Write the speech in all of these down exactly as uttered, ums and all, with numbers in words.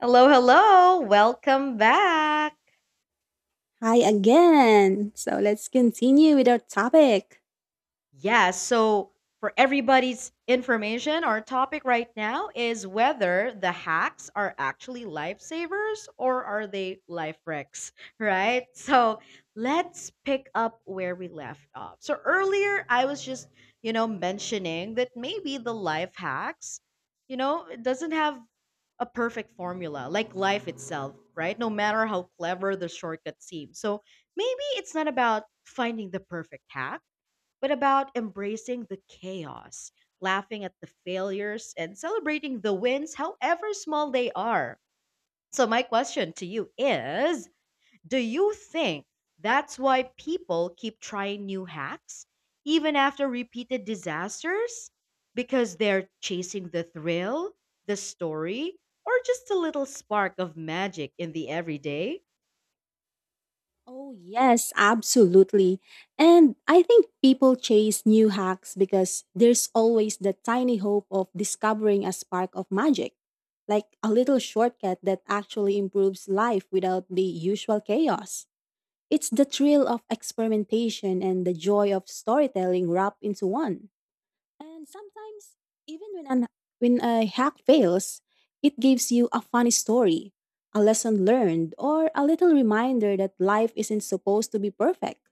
Hello, hello. Welcome back. Hi again. So let's continue with our topic. Yeah, so for everybody's information, our topic right now is whether the hacks are actually lifesavers or are they life wrecks, right? So let's pick up where we left off. So earlier, I was just, you know, mentioning that maybe the life hacks, you know, it doesn't have a perfect formula, like life itself, right? No matter how clever the shortcut seems. So maybe it's not about finding the perfect hack, but about embracing the chaos, laughing at the failures, and celebrating the wins, however small they are. So, my question to you is, do you think that's why people keep trying new hacks even after repeated disasters? Because they're chasing the thrill, the story, or just a little spark of magic in the everyday? Oh, yes, absolutely. And I think people chase new hacks because there's always the tiny hope of discovering a spark of magic, like a little shortcut that actually improves life without the usual chaos. It's the thrill of experimentation and the joy of storytelling wrapped into one. And sometimes, even when, an, when a hack fails, it gives you a funny story, a lesson learned, or a little reminder that life isn't supposed to be perfect.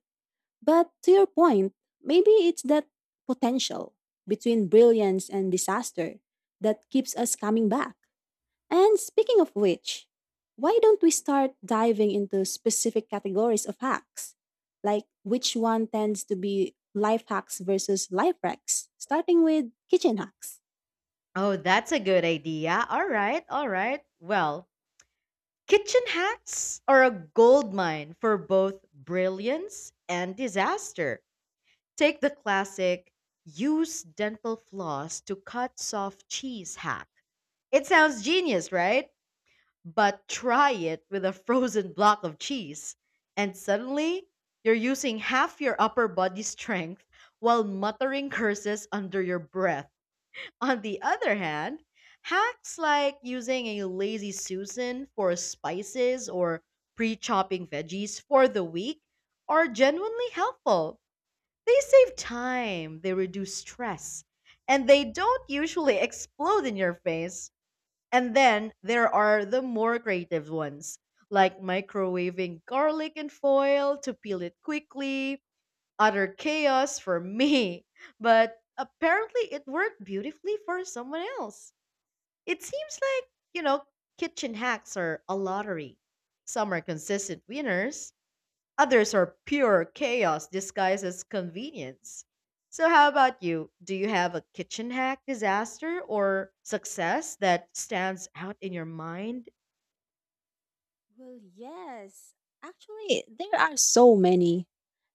But to your point, maybe it's that potential between brilliance and disaster that keeps us coming back. And speaking of which, why don't we start diving into specific categories of hacks? Like which one tends to be life hacks versus life hacks, starting with kitchen hacks? Oh, that's a good idea. All right, all right. Well, kitchen hacks are a goldmine for both brilliance and disaster. Take the classic use dental floss to cut soft cheese hack. It sounds genius, right? But try it with a frozen block of cheese, and suddenly you're using half your upper body strength while muttering curses under your breath. On the other hand, hacks like using a lazy Susan for spices or pre chopping veggies for the week are genuinely helpful. They save time, they reduce stress, and they don't usually explode in your face. And then there are the more creative ones, like microwaving garlic in foil to peel it quickly. Utter chaos for me, but apparently it worked beautifully for someone else. It seems like, you know, kitchen hacks are a lottery. Some are consistent winners, others are pure chaos disguised as convenience. So, how about you? Do you have a kitchen hack disaster or success that stands out in your mind? Well, yes. Actually, there are so many.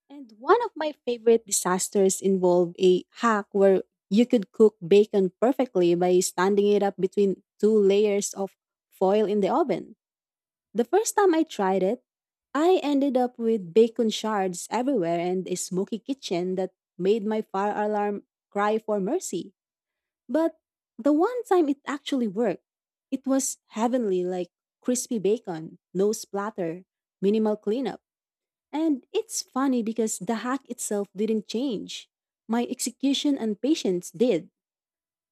And one of my favorite disasters involved a hack where you could cook bacon perfectly by standing it up between two layers of foil in the oven. The first time I tried it, I ended up with bacon shards everywhere and a smoky kitchen that made my fire alarm cry for mercy. But the one time it actually worked, it was heavenly, like crispy bacon, no splatter, minimal cleanup. And it's funny because the hack itself didn't change. My execution and patience did.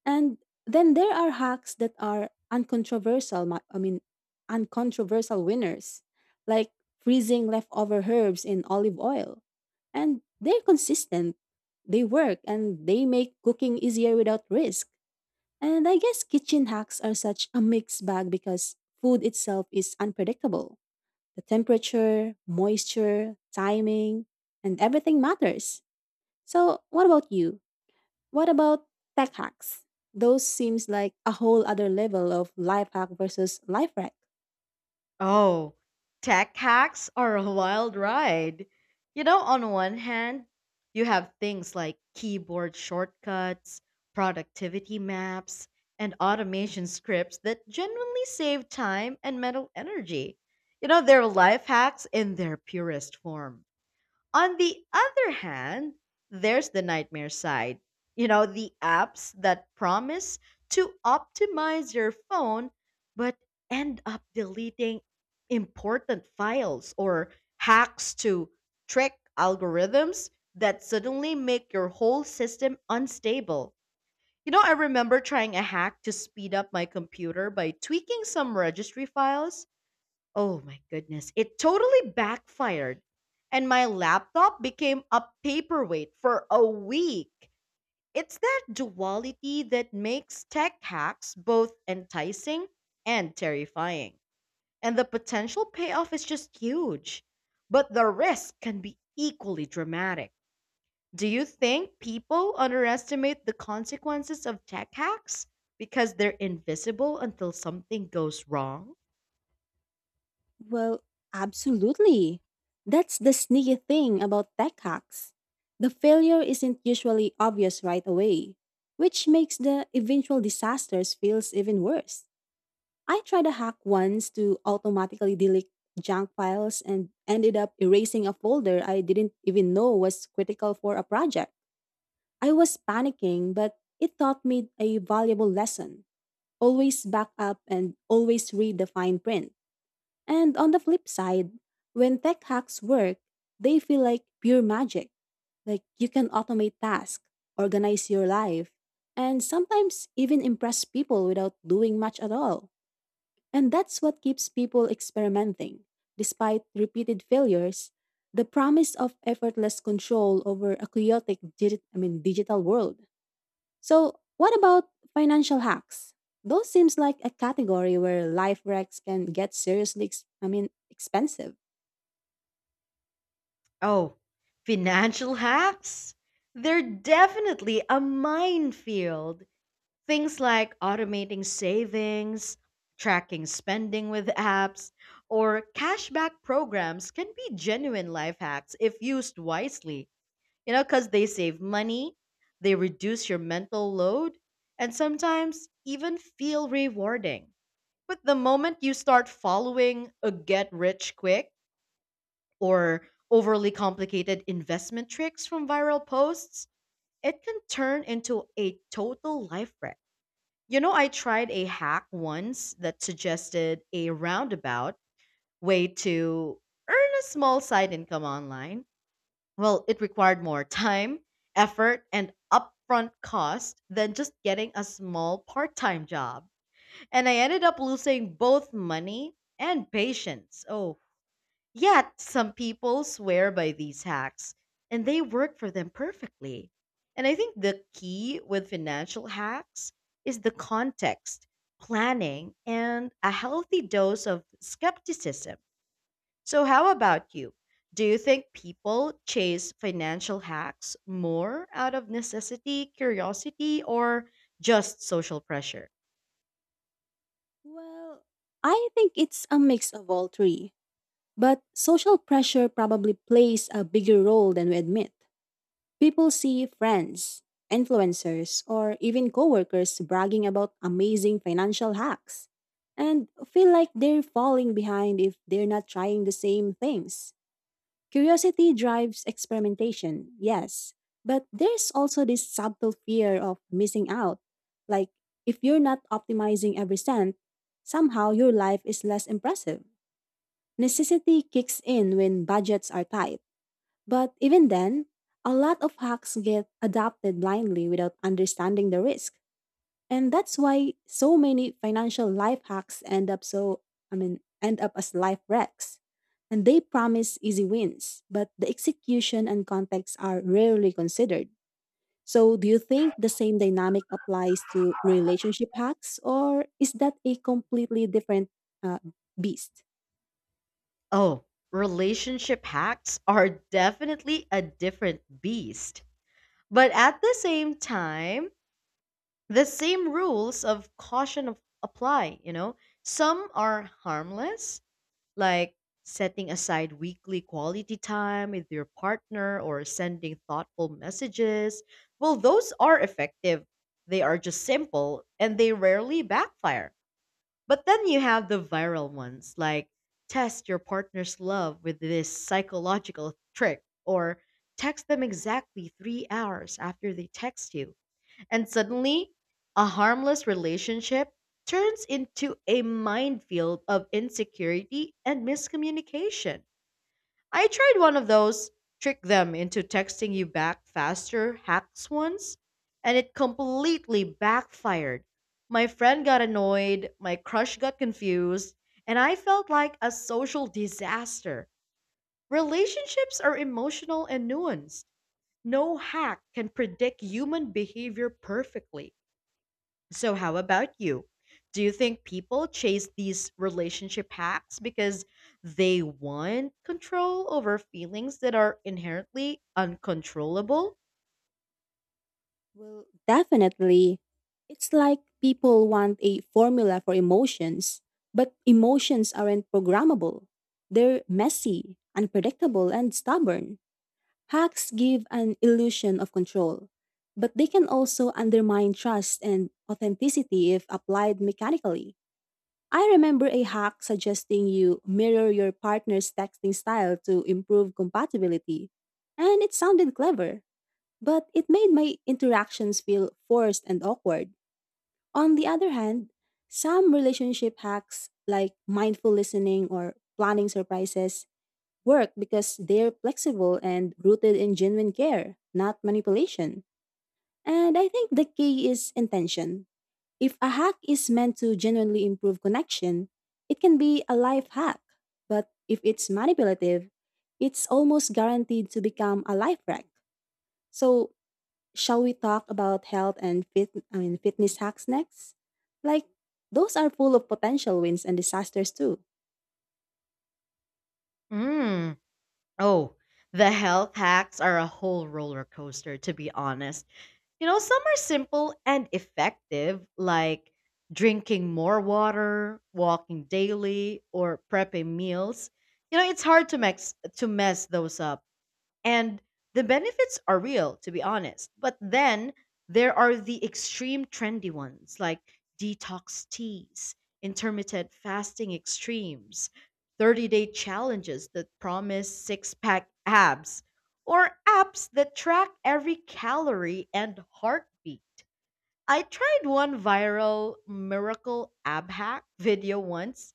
And then there are hacks that are uncontroversial, mi- I mean, uncontroversial winners, like freezing leftover herbs in olive oil. And they're consistent, they work, and they make cooking easier without risk. And I guess kitchen hacks are such a mixed bag because food itself is unpredictable. The temperature, moisture, timing, and everything matters. So, what about you? What about tech hacks? Those seems like a whole other level of life hack versus life hack. Oh, tech hacks are a wild ride. You know, on one hand, you have things like keyboard shortcuts, productivity maps, and automation scripts that genuinely save time and mental energy. You know, they're life hacks in their purest form. On the other hand, there's the nightmare side. You know, the apps that promise to optimize your phone but end up deleting important files, or hacks to trick algorithms that suddenly make your whole system unstable. You know, I remember trying a hack to speed up my computer by tweaking some registry files. Oh my goodness. It totally backfired. And my laptop became a paperweight for a week. It's that duality that makes tech hacks both enticing and terrifying. And the potential payoff is just huge. But the risk can be equally dramatic. Do you think people underestimate the consequences of tech hacks because they're invisible until something goes wrong? Well, absolutely. That's the sneaky thing about tech hacks. The failure isn't usually obvious right away, which makes the eventual disasters feels even worse. I tried a hack once to automatically delete junk files and ended up erasing a folder I didn't even know was critical for a project. I was panicking, but it taught me a valuable lesson. Always back up and always read the fine print. And on the flip side, when tech hacks work, they feel like pure magic. Like you can automate tasks, organize your life, and sometimes even impress people without doing much at all. And that's what keeps people experimenting. Despite repeated failures, the promise of effortless control over a chaotic digi- I mean, digital world. So, what about financial hacks? Those seems like a category where life wrecks can get seriously ex- I mean, expensive. Oh, financial hacks? They're definitely a minefield. Things like automating savings, tracking spending with apps, or cashback programs can be genuine life hacks if used wisely. You know, because they save money, they reduce your mental load, and sometimes even feel rewarding. But the moment you start following a get rich quick, or overly complicated investment tricks from viral posts, it can turn into a total life wreck. You know, I tried a hack once that suggested a roundabout way to earn a small side income online. Well, it required more time, effort, and upfront cost than just getting a small part time job. And I ended up losing both money and patience. Oh, yet, some people swear by these hacks and they work for them perfectly. And I think the key with financial hacks is the context, planning, and a healthy dose of skepticism. So, how about you? Do you think people chase financial hacks more out of necessity, curiosity, or just social pressure? Well, I think it's a mix of all three, but social pressure probably plays a bigger role than we admit. People see friends, influencers, or even coworkers bragging about amazing financial hacks and feel like they're falling behind if they're not trying the same things. Curiosity drives experimentation, yes, but there's also this subtle fear of missing out. Like, if you're not optimizing every cent, somehow your life is less impressive. Necessity kicks in when budgets are tight. But even then, a lot of hacks get adopted blindly without understanding the risk. And that's why so many financial life hacks end up so, I mean, end up as life wrecks. And they promise easy wins, but the execution and context are rarely considered. So, do you think the same dynamic applies to relationship hacks, or is that a completely different uh, beast? Oh, relationship hacks are definitely a different beast. But at the same time, the same rules of caution of, apply, you know? Some are harmless, like setting aside weekly quality time with your partner or sending thoughtful messages. Well, those are effective. They are just simple and they rarely backfire. But then you have the viral ones, like test your partner's love with this psychological trick or text them exactly three hours after they text you, and suddenly, a harmless relationship turns into a minefield of insecurity and miscommunication. I tried one of those trick them into texting you back faster hacks once, and it completely backfired. My friend got annoyed, my crush got confused, and I felt like a social disaster. Relationships are emotional and nuanced. No hack can predict human behavior perfectly. So, how about you? Do you think people chase these relationship hacks because they want control over feelings that are inherently uncontrollable? Well, definitely. It's like people want a formula for emotions, but emotions aren't programmable. They're messy, unpredictable, and stubborn. Hacks give an illusion of control, but they can also undermine trust and authenticity if applied mechanically. I remember a hack suggesting you mirror your partner's texting style to improve compatibility, and it sounded clever but it made my interactions feel forced and awkward. On the other hand, some relationship hacks like mindful listening or planning surprises work because they're flexible and rooted in genuine care, not manipulation. And I think the key is intention. If a hack is meant to genuinely improve connection, it can be a life hack. But if it's manipulative, it's almost guaranteed to become a life wreck. So, shall we talk about health and fit I mean fitness hacks next? Like those are full of potential wins and disasters too. Mm. Oh, the health hacks are a whole roller coaster, to be honest. You know, some are simple and effective, like drinking more water, walking daily, or prepping meals. You know, it's hard to mess to mess those up. And the benefits are real, to be honest. But then there are the extreme trendy ones like detox teas, intermittent fasting extremes, thirty day challenges that promise six pack abs, or apps that track every calorie and heartbeat. I tried one viral miracle ab hack video once,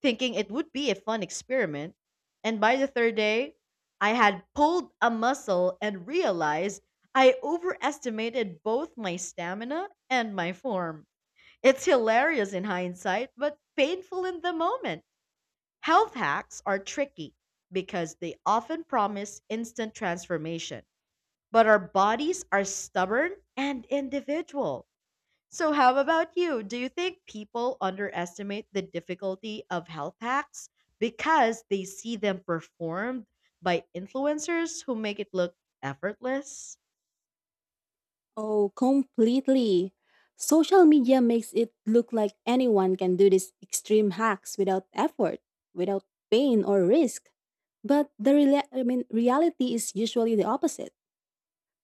thinking it would be a fun experiment. And by the third day, I had pulled a muscle and realized I overestimated both my stamina and my form. It's hilarious in hindsight, but painful in the moment. Health hacks are tricky because they often promise instant transformation, but our bodies are stubborn and individual. So, how about you? Do you think people underestimate the difficulty of health hacks because they see them performed by influencers who make it look effortless? Oh, completely. Social media makes it look like anyone can do these extreme hacks without effort, without pain or risk. But the rela- I mean reality is usually the opposite.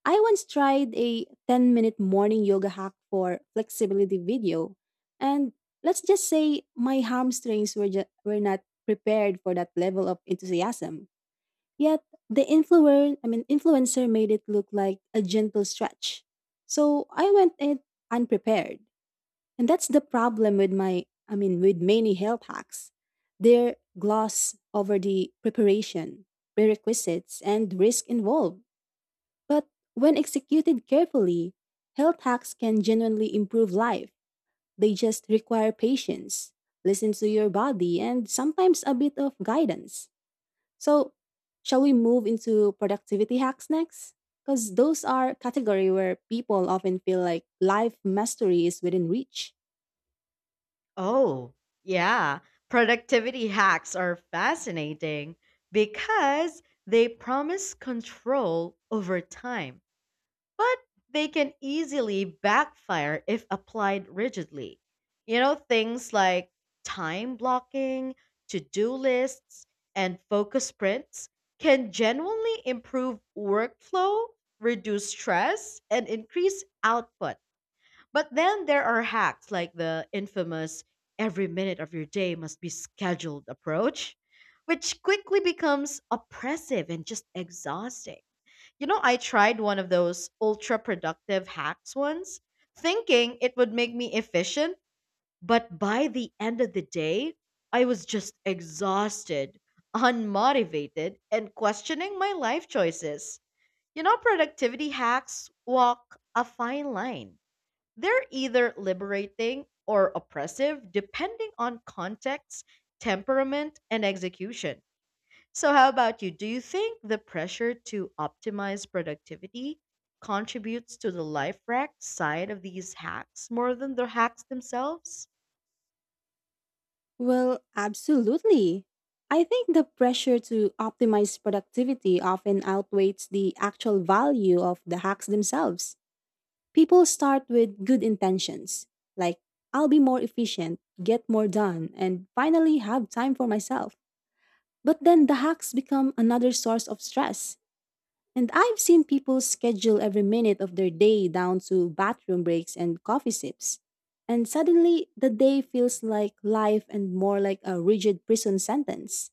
I once tried a ten minute morning yoga hack for flexibility video, and let's just say my hamstrings were, ju- were not prepared for that level of enthusiasm. Yet the influencer, I mean influencer made it look like a gentle stretch. So I went in unprepared. And that's the problem with my I mean with many health hacks. They're gloss over the preparation, prerequisites, and risk involved. But when executed carefully, health hacks can genuinely improve life. They just require patience, listen to your body, and sometimes a bit of guidance. So, shall we move into productivity hacks next? Because those are category where people often feel like life mastery is within reach. Oh, yeah. Productivity hacks are fascinating because they promise control over time, but they can easily backfire if applied rigidly. You know, things like time blocking, to do lists, and focus sprints can genuinely improve workflow, reduce stress, and increase output. But then there are hacks like the infamous every minute of your day must be scheduled approach, which quickly becomes oppressive and just exhausting. You know, I tried one of those ultra productive hacks once, thinking it would make me efficient, but by the end of the day, I was just exhausted, unmotivated, and questioning my life choices. You know, productivity hacks walk a fine line. They're either liberating or oppressive, depending on context, temperament, and execution. So, how about you? Do you think the pressure to optimize productivity contributes to the life wreck side of these hacks more than the hacks themselves? Well, absolutely. I think the pressure to optimize productivity often outweighs the actual value of the hacks themselves. People start with good intentions, like, I'll be more efficient, get more done, and finally have time for myself. But then the hacks become another source of stress. And I've seen people schedule every minute of their day down to bathroom breaks and coffee sips. And suddenly, the day feels like life and more like a rigid prison sentence.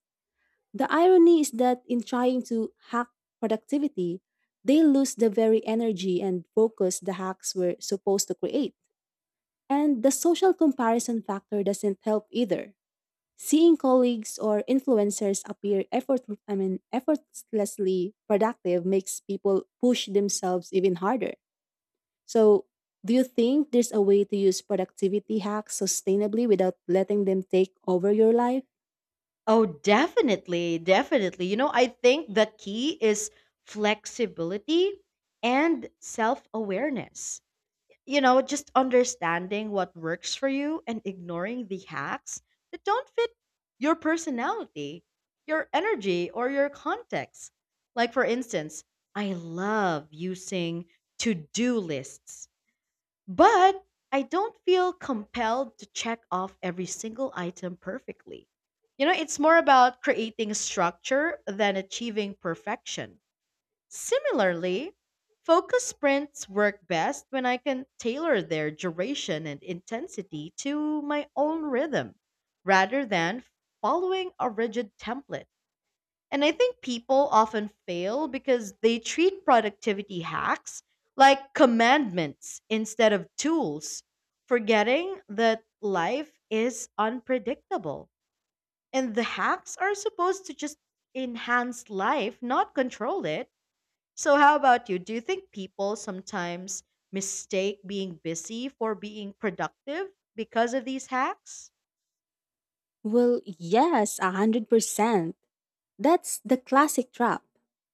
The irony is that in trying to hack productivity, they lose the very energy and focus the hacks were supposed to create. And the social comparison factor doesn't help either. Seeing colleagues or influencers appear effort, I mean, effortlessly productive makes people push themselves even harder. So, do you think there's a way to use productivity hacks sustainably without letting them take over your life? Oh, definitely. Definitely. You know, I think the key is flexibility and self awareness. You know, just understanding what works for you and ignoring the hacks that don't fit your personality, your energy, or your context. Like, for instance, I love using to do lists, but I don't feel compelled to check off every single item perfectly. You know, it's more about creating structure than achieving perfection. Similarly, focus sprints work best when I can tailor their duration and intensity to my own rhythm rather than following a rigid template. And I think people often fail because they treat productivity hacks like commandments instead of tools, forgetting that life is unpredictable. And the hacks are supposed to just enhance life, not control it. So, how about you? Do you think people sometimes mistake being busy for being productive because of these hacks? Well, yes, one hundred percent. That's the classic trap.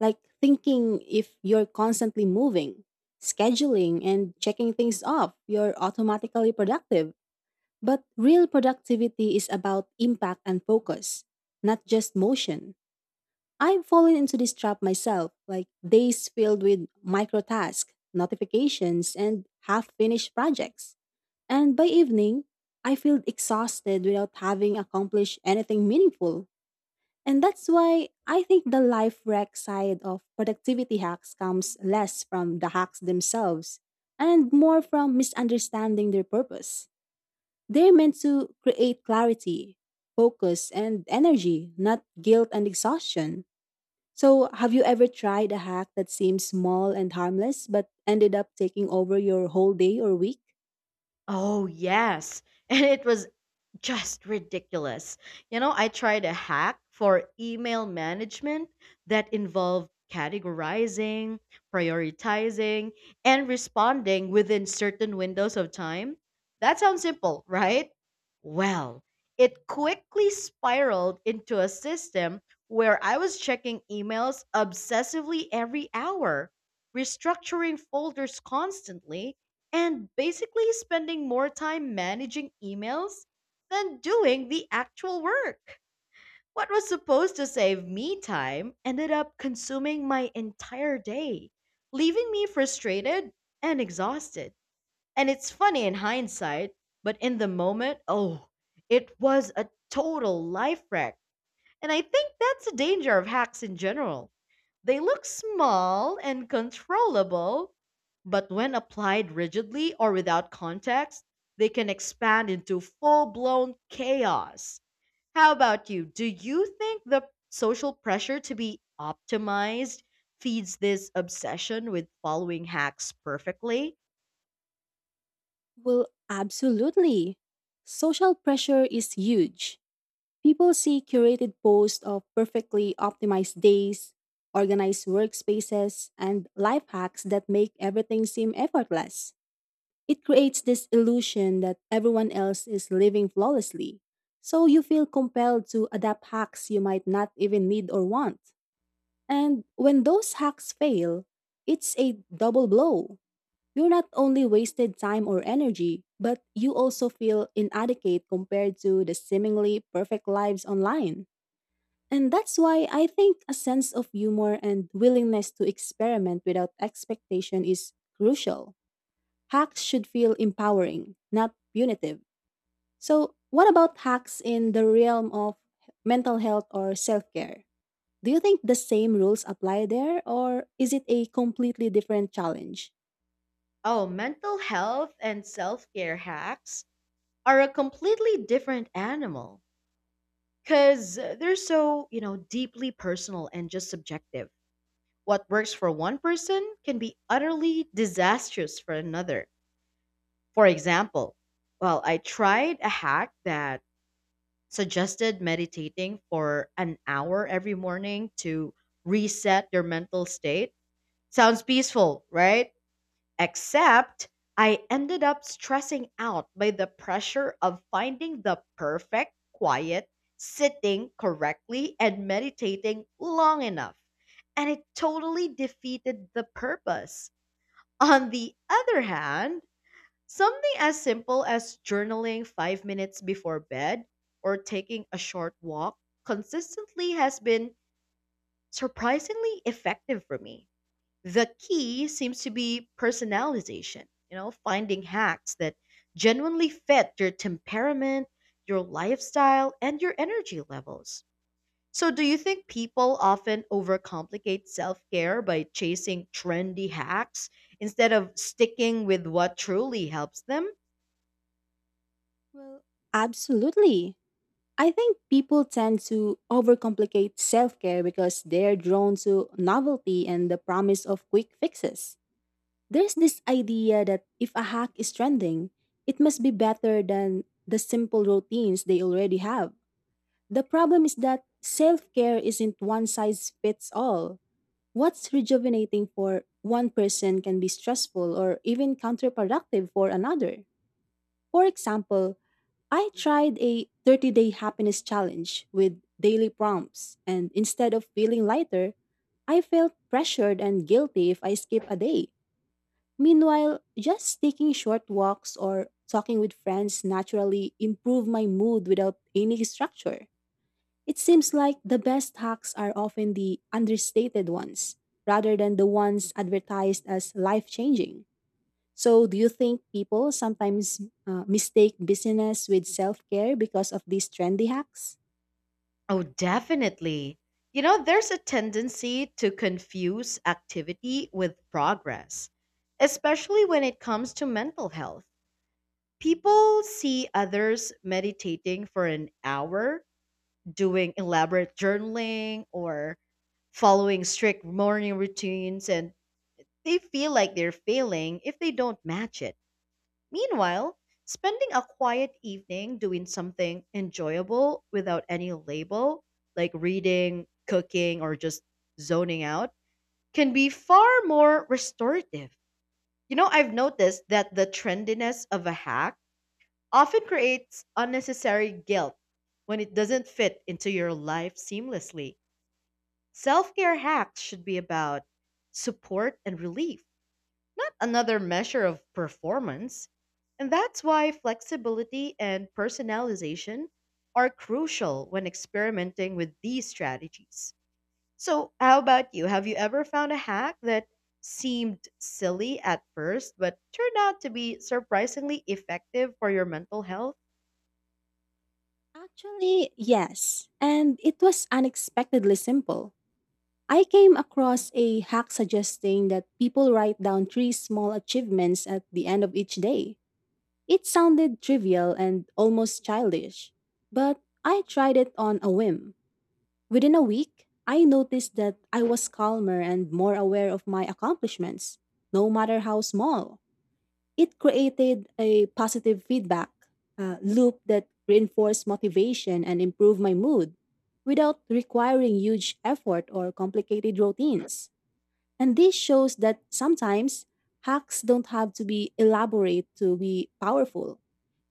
Like thinking if you're constantly moving, scheduling, and checking things off, you're automatically productive. But real productivity is about impact and focus, not just motion. I've fallen into this trap myself, like days filled with micro tasks, notifications, and half finished projects. And by evening, I feel exhausted without having accomplished anything meaningful. And that's why I think the life wreck side of productivity hacks comes less from the hacks themselves and more from misunderstanding their purpose. They're meant to create clarity, focus, and energy, not guilt and exhaustion. So, have you ever tried a hack that seems small and harmless but ended up taking over your whole day or week? Oh, yes. And it was just ridiculous. You know, I tried a hack for email management that involved categorizing, prioritizing, and responding within certain windows of time. That sounds simple, right? Well, it quickly spiraled into a system where I was checking emails obsessively every hour, restructuring folders constantly, and basically spending more time managing emails than doing the actual work. What was supposed to save me time ended up consuming my entire day, leaving me frustrated and exhausted. And it's funny in hindsight, but in the moment, oh, it was a total life wreck. And I think that's the danger of hacks in general: they look small and controllable, but when applied rigidly or without context, they can expand into full blown chaos. How about you? Do you think the social pressure to be optimized feeds this obsession with following hacks perfectly? Well, absolutely. Social pressure is huge. People see curated posts of perfectly optimized days, organized workspaces, and life hacks that make everything seem effortless. It creates this illusion that everyone else is living flawlessly, so you feel compelled to adapt hacks you might not even need or want. And when those hacks fail, it's a double blow. You're not only wasted time or energy, but you also feel inadequate compared to the seemingly perfect lives online. And that's why I think a sense of humor and willingness to experiment without expectation is crucial. Hacks should feel empowering, not punitive. So, what about hacks in the realm of mental health or self care? Do you think the same rules apply there, or is it a completely different challenge? Oh, mental health and self care hacks are a completely different animal because they're so, you know, deeply personal and just subjective. What works for one person can be utterly disastrous for another. For example, well, I tried a hack that suggested meditating for an hour every morning to reset your mental state. Sounds peaceful, right? Except I ended up stressing out by the pressure of finding the perfect quiet, sitting correctly, and meditating long enough. And it totally defeated the purpose. On the other hand, something as simple as journaling five minutes before bed or taking a short walk consistently has been surprisingly effective for me. The key seems to be personalization, you know, finding hacks that genuinely fit your temperament, your lifestyle, and your energy levels. So, do you think people often overcomplicate self care by chasing trendy hacks instead of sticking with what truly helps them? Well, absolutely. I think people tend to overcomplicate self care because they're drawn to novelty and the promise of quick fixes. There's this idea that if a hack is trending, it must be better than the simple routines they already have. The problem is that self care isn't one size fits all. What's rejuvenating for one person can be stressful or even counterproductive for another. For example, I tried a thirty day happiness challenge with daily prompts, and instead of feeling lighter, I felt pressured and guilty if I skip a day. Meanwhile, just taking short walks or talking with friends naturally improve my mood without any structure. It seems like the best hacks are often the understated ones, rather than the ones advertised as life changing. So, do you think people sometimes uh, mistake busyness with self care because of these trendy hacks? Oh, definitely. You know, there's a tendency to confuse activity with progress, especially when it comes to mental health. People see others meditating for an hour, doing elaborate journaling or following strict morning routines, and they feel like they're failing if they don't match it. Meanwhile, spending a quiet evening doing something enjoyable without any label, like reading, cooking, or just zoning out, can be far more restorative. You know, I've noticed that the trendiness of a hack often creates unnecessary guilt when it doesn't fit into your life seamlessly. Self care hacks should be about support and relief, not another measure of performance. And that's why flexibility and personalization are crucial when experimenting with these strategies. So, how about you? Have you ever found a hack that seemed silly at first but turned out to be surprisingly effective for your mental health? Actually, yes. And it was unexpectedly simple. I came across a hack suggesting that people write down three small achievements at the end of each day. It sounded trivial and almost childish, but I tried it on a whim. Within a week, I noticed that I was calmer and more aware of my accomplishments, no matter how small. It created a positive feedback uh, loop that reinforced motivation and improved my mood without requiring huge effort or complicated routines. And this shows that sometimes hacks don't have to be elaborate to be powerful.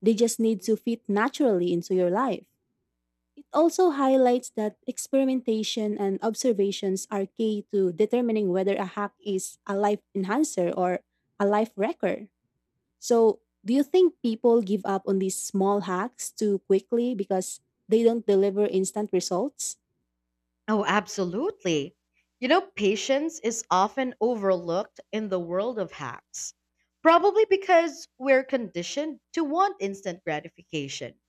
They just need to fit naturally into your life. It also highlights that experimentation and observations are key to determining whether a hack is a life enhancer or a life wrecker. So, do you think people give up on these small hacks too quickly because they don't deliver instant results? Oh, absolutely. You know, patience is often overlooked in the world of hacks, probably because we're conditioned to want instant gratification.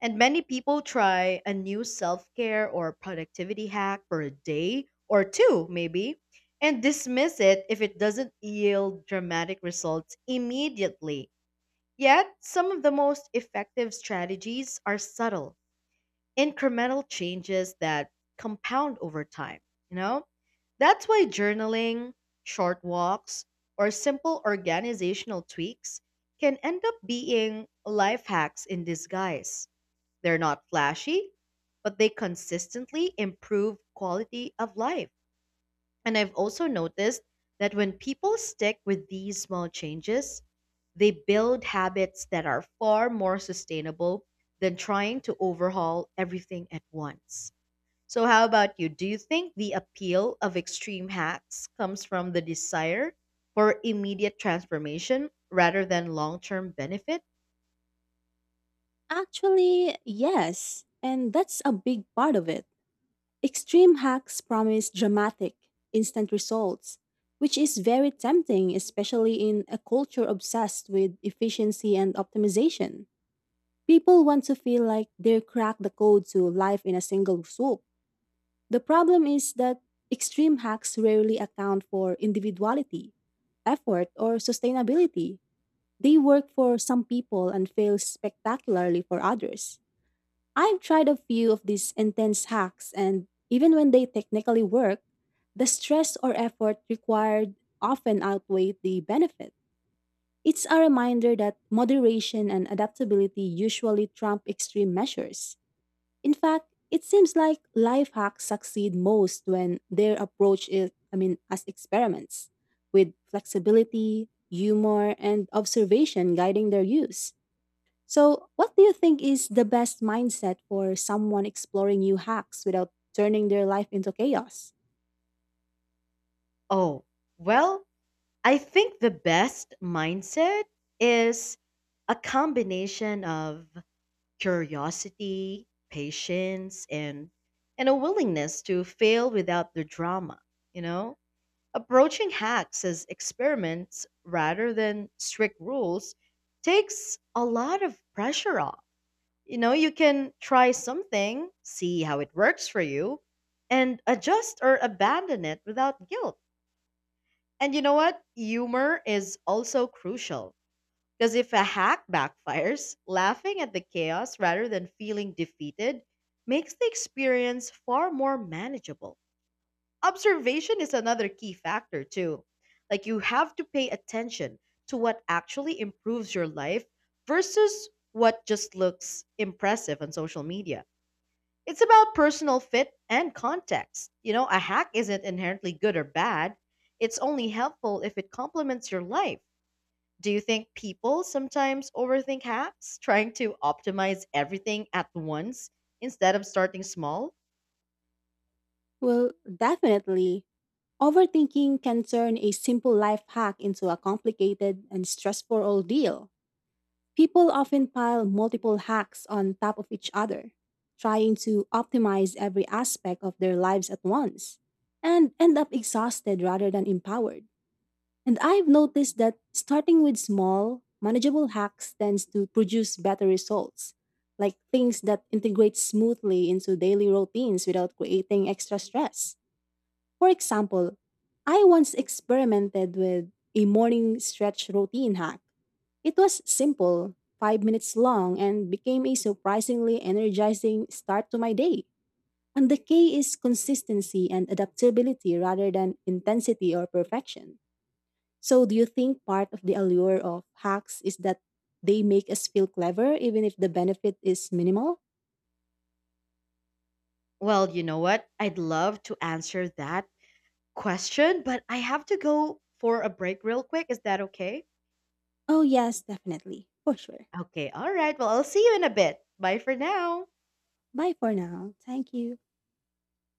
And many people try a new self care or productivity hack for a day or two, maybe, and dismiss it if it doesn't yield dramatic results immediately. Yet, some of the most effective strategies are subtle incremental changes that compound over time, you know? That's why journaling, short walks, or simple organizational tweaks can end up being life hacks in disguise. They're not flashy, but they consistently improve quality of life. And I've also noticed that when people stick with these small changes, they build habits that are far more sustainable than trying to overhaul everything at once. So, how about you? Do you think the appeal of extreme hacks comes from the desire for immediate transformation rather than long term benefit? Actually, yes. And that's a big part of it. Extreme hacks promise dramatic, instant results, which is very tempting, especially in a culture obsessed with efficiency and optimization. People want to feel like they cracked the code to life in a single swoop. The problem is that extreme hacks rarely account for individuality, effort, or sustainability. They work for some people and fail spectacularly for others. I've tried a few of these intense hacks, and even when they technically work, the stress or effort required often outweigh the benefit. It's a reminder that moderation and adaptability usually trump extreme measures. In fact, it seems like life hacks succeed most when their approach is, I mean, as experiments, with flexibility, humor, and observation guiding their use. So, what do you think is the best mindset for someone exploring new hacks without turning their life into chaos? Oh, well, I think the best mindset is a combination of curiosity, patience, and and a willingness to fail without the drama, you know? Approaching hacks as experiments rather than strict rules takes a lot of pressure off. You know, you can try something, see how it works for you, and adjust or abandon it without guilt. And you know what? Humor is also crucial because if a hack backfires, laughing at the chaos rather than feeling defeated makes the experience far more manageable. Observation is another key factor, too. Like, you have to pay attention to what actually improves your life versus what just looks impressive on social media. It's about personal fit and context. You know, a hack isn't inherently good or bad, it's only helpful if it complements your life. Do you think people sometimes overthink hacks, trying to optimize everything at once instead of starting small? Well, definitely. Overthinking can turn a simple life hack into a complicated and stressful ordeal. People often pile multiple hacks on top of each other, trying to optimize every aspect of their lives at once, and end up exhausted rather than empowered. And I've noticed that starting with small, manageable hacks tends to produce better results, like things that integrate smoothly into daily routines without creating extra stress. For example, I once experimented with a morning stretch routine hack. It was simple, five minutes long, and became a surprisingly energizing start to my day. And the key is consistency and adaptability rather than intensity or perfection. So, do you think part of the allure of hacks is that they make us feel clever even if the benefit is minimal? Well, you know what? I'd love to answer that question, but I have to go for a break real quick. Is that okay? Oh, yes, definitely. For sure. Okay, all right. Well, I'll see you in a bit. Bye for now. Bye for now. Thank you.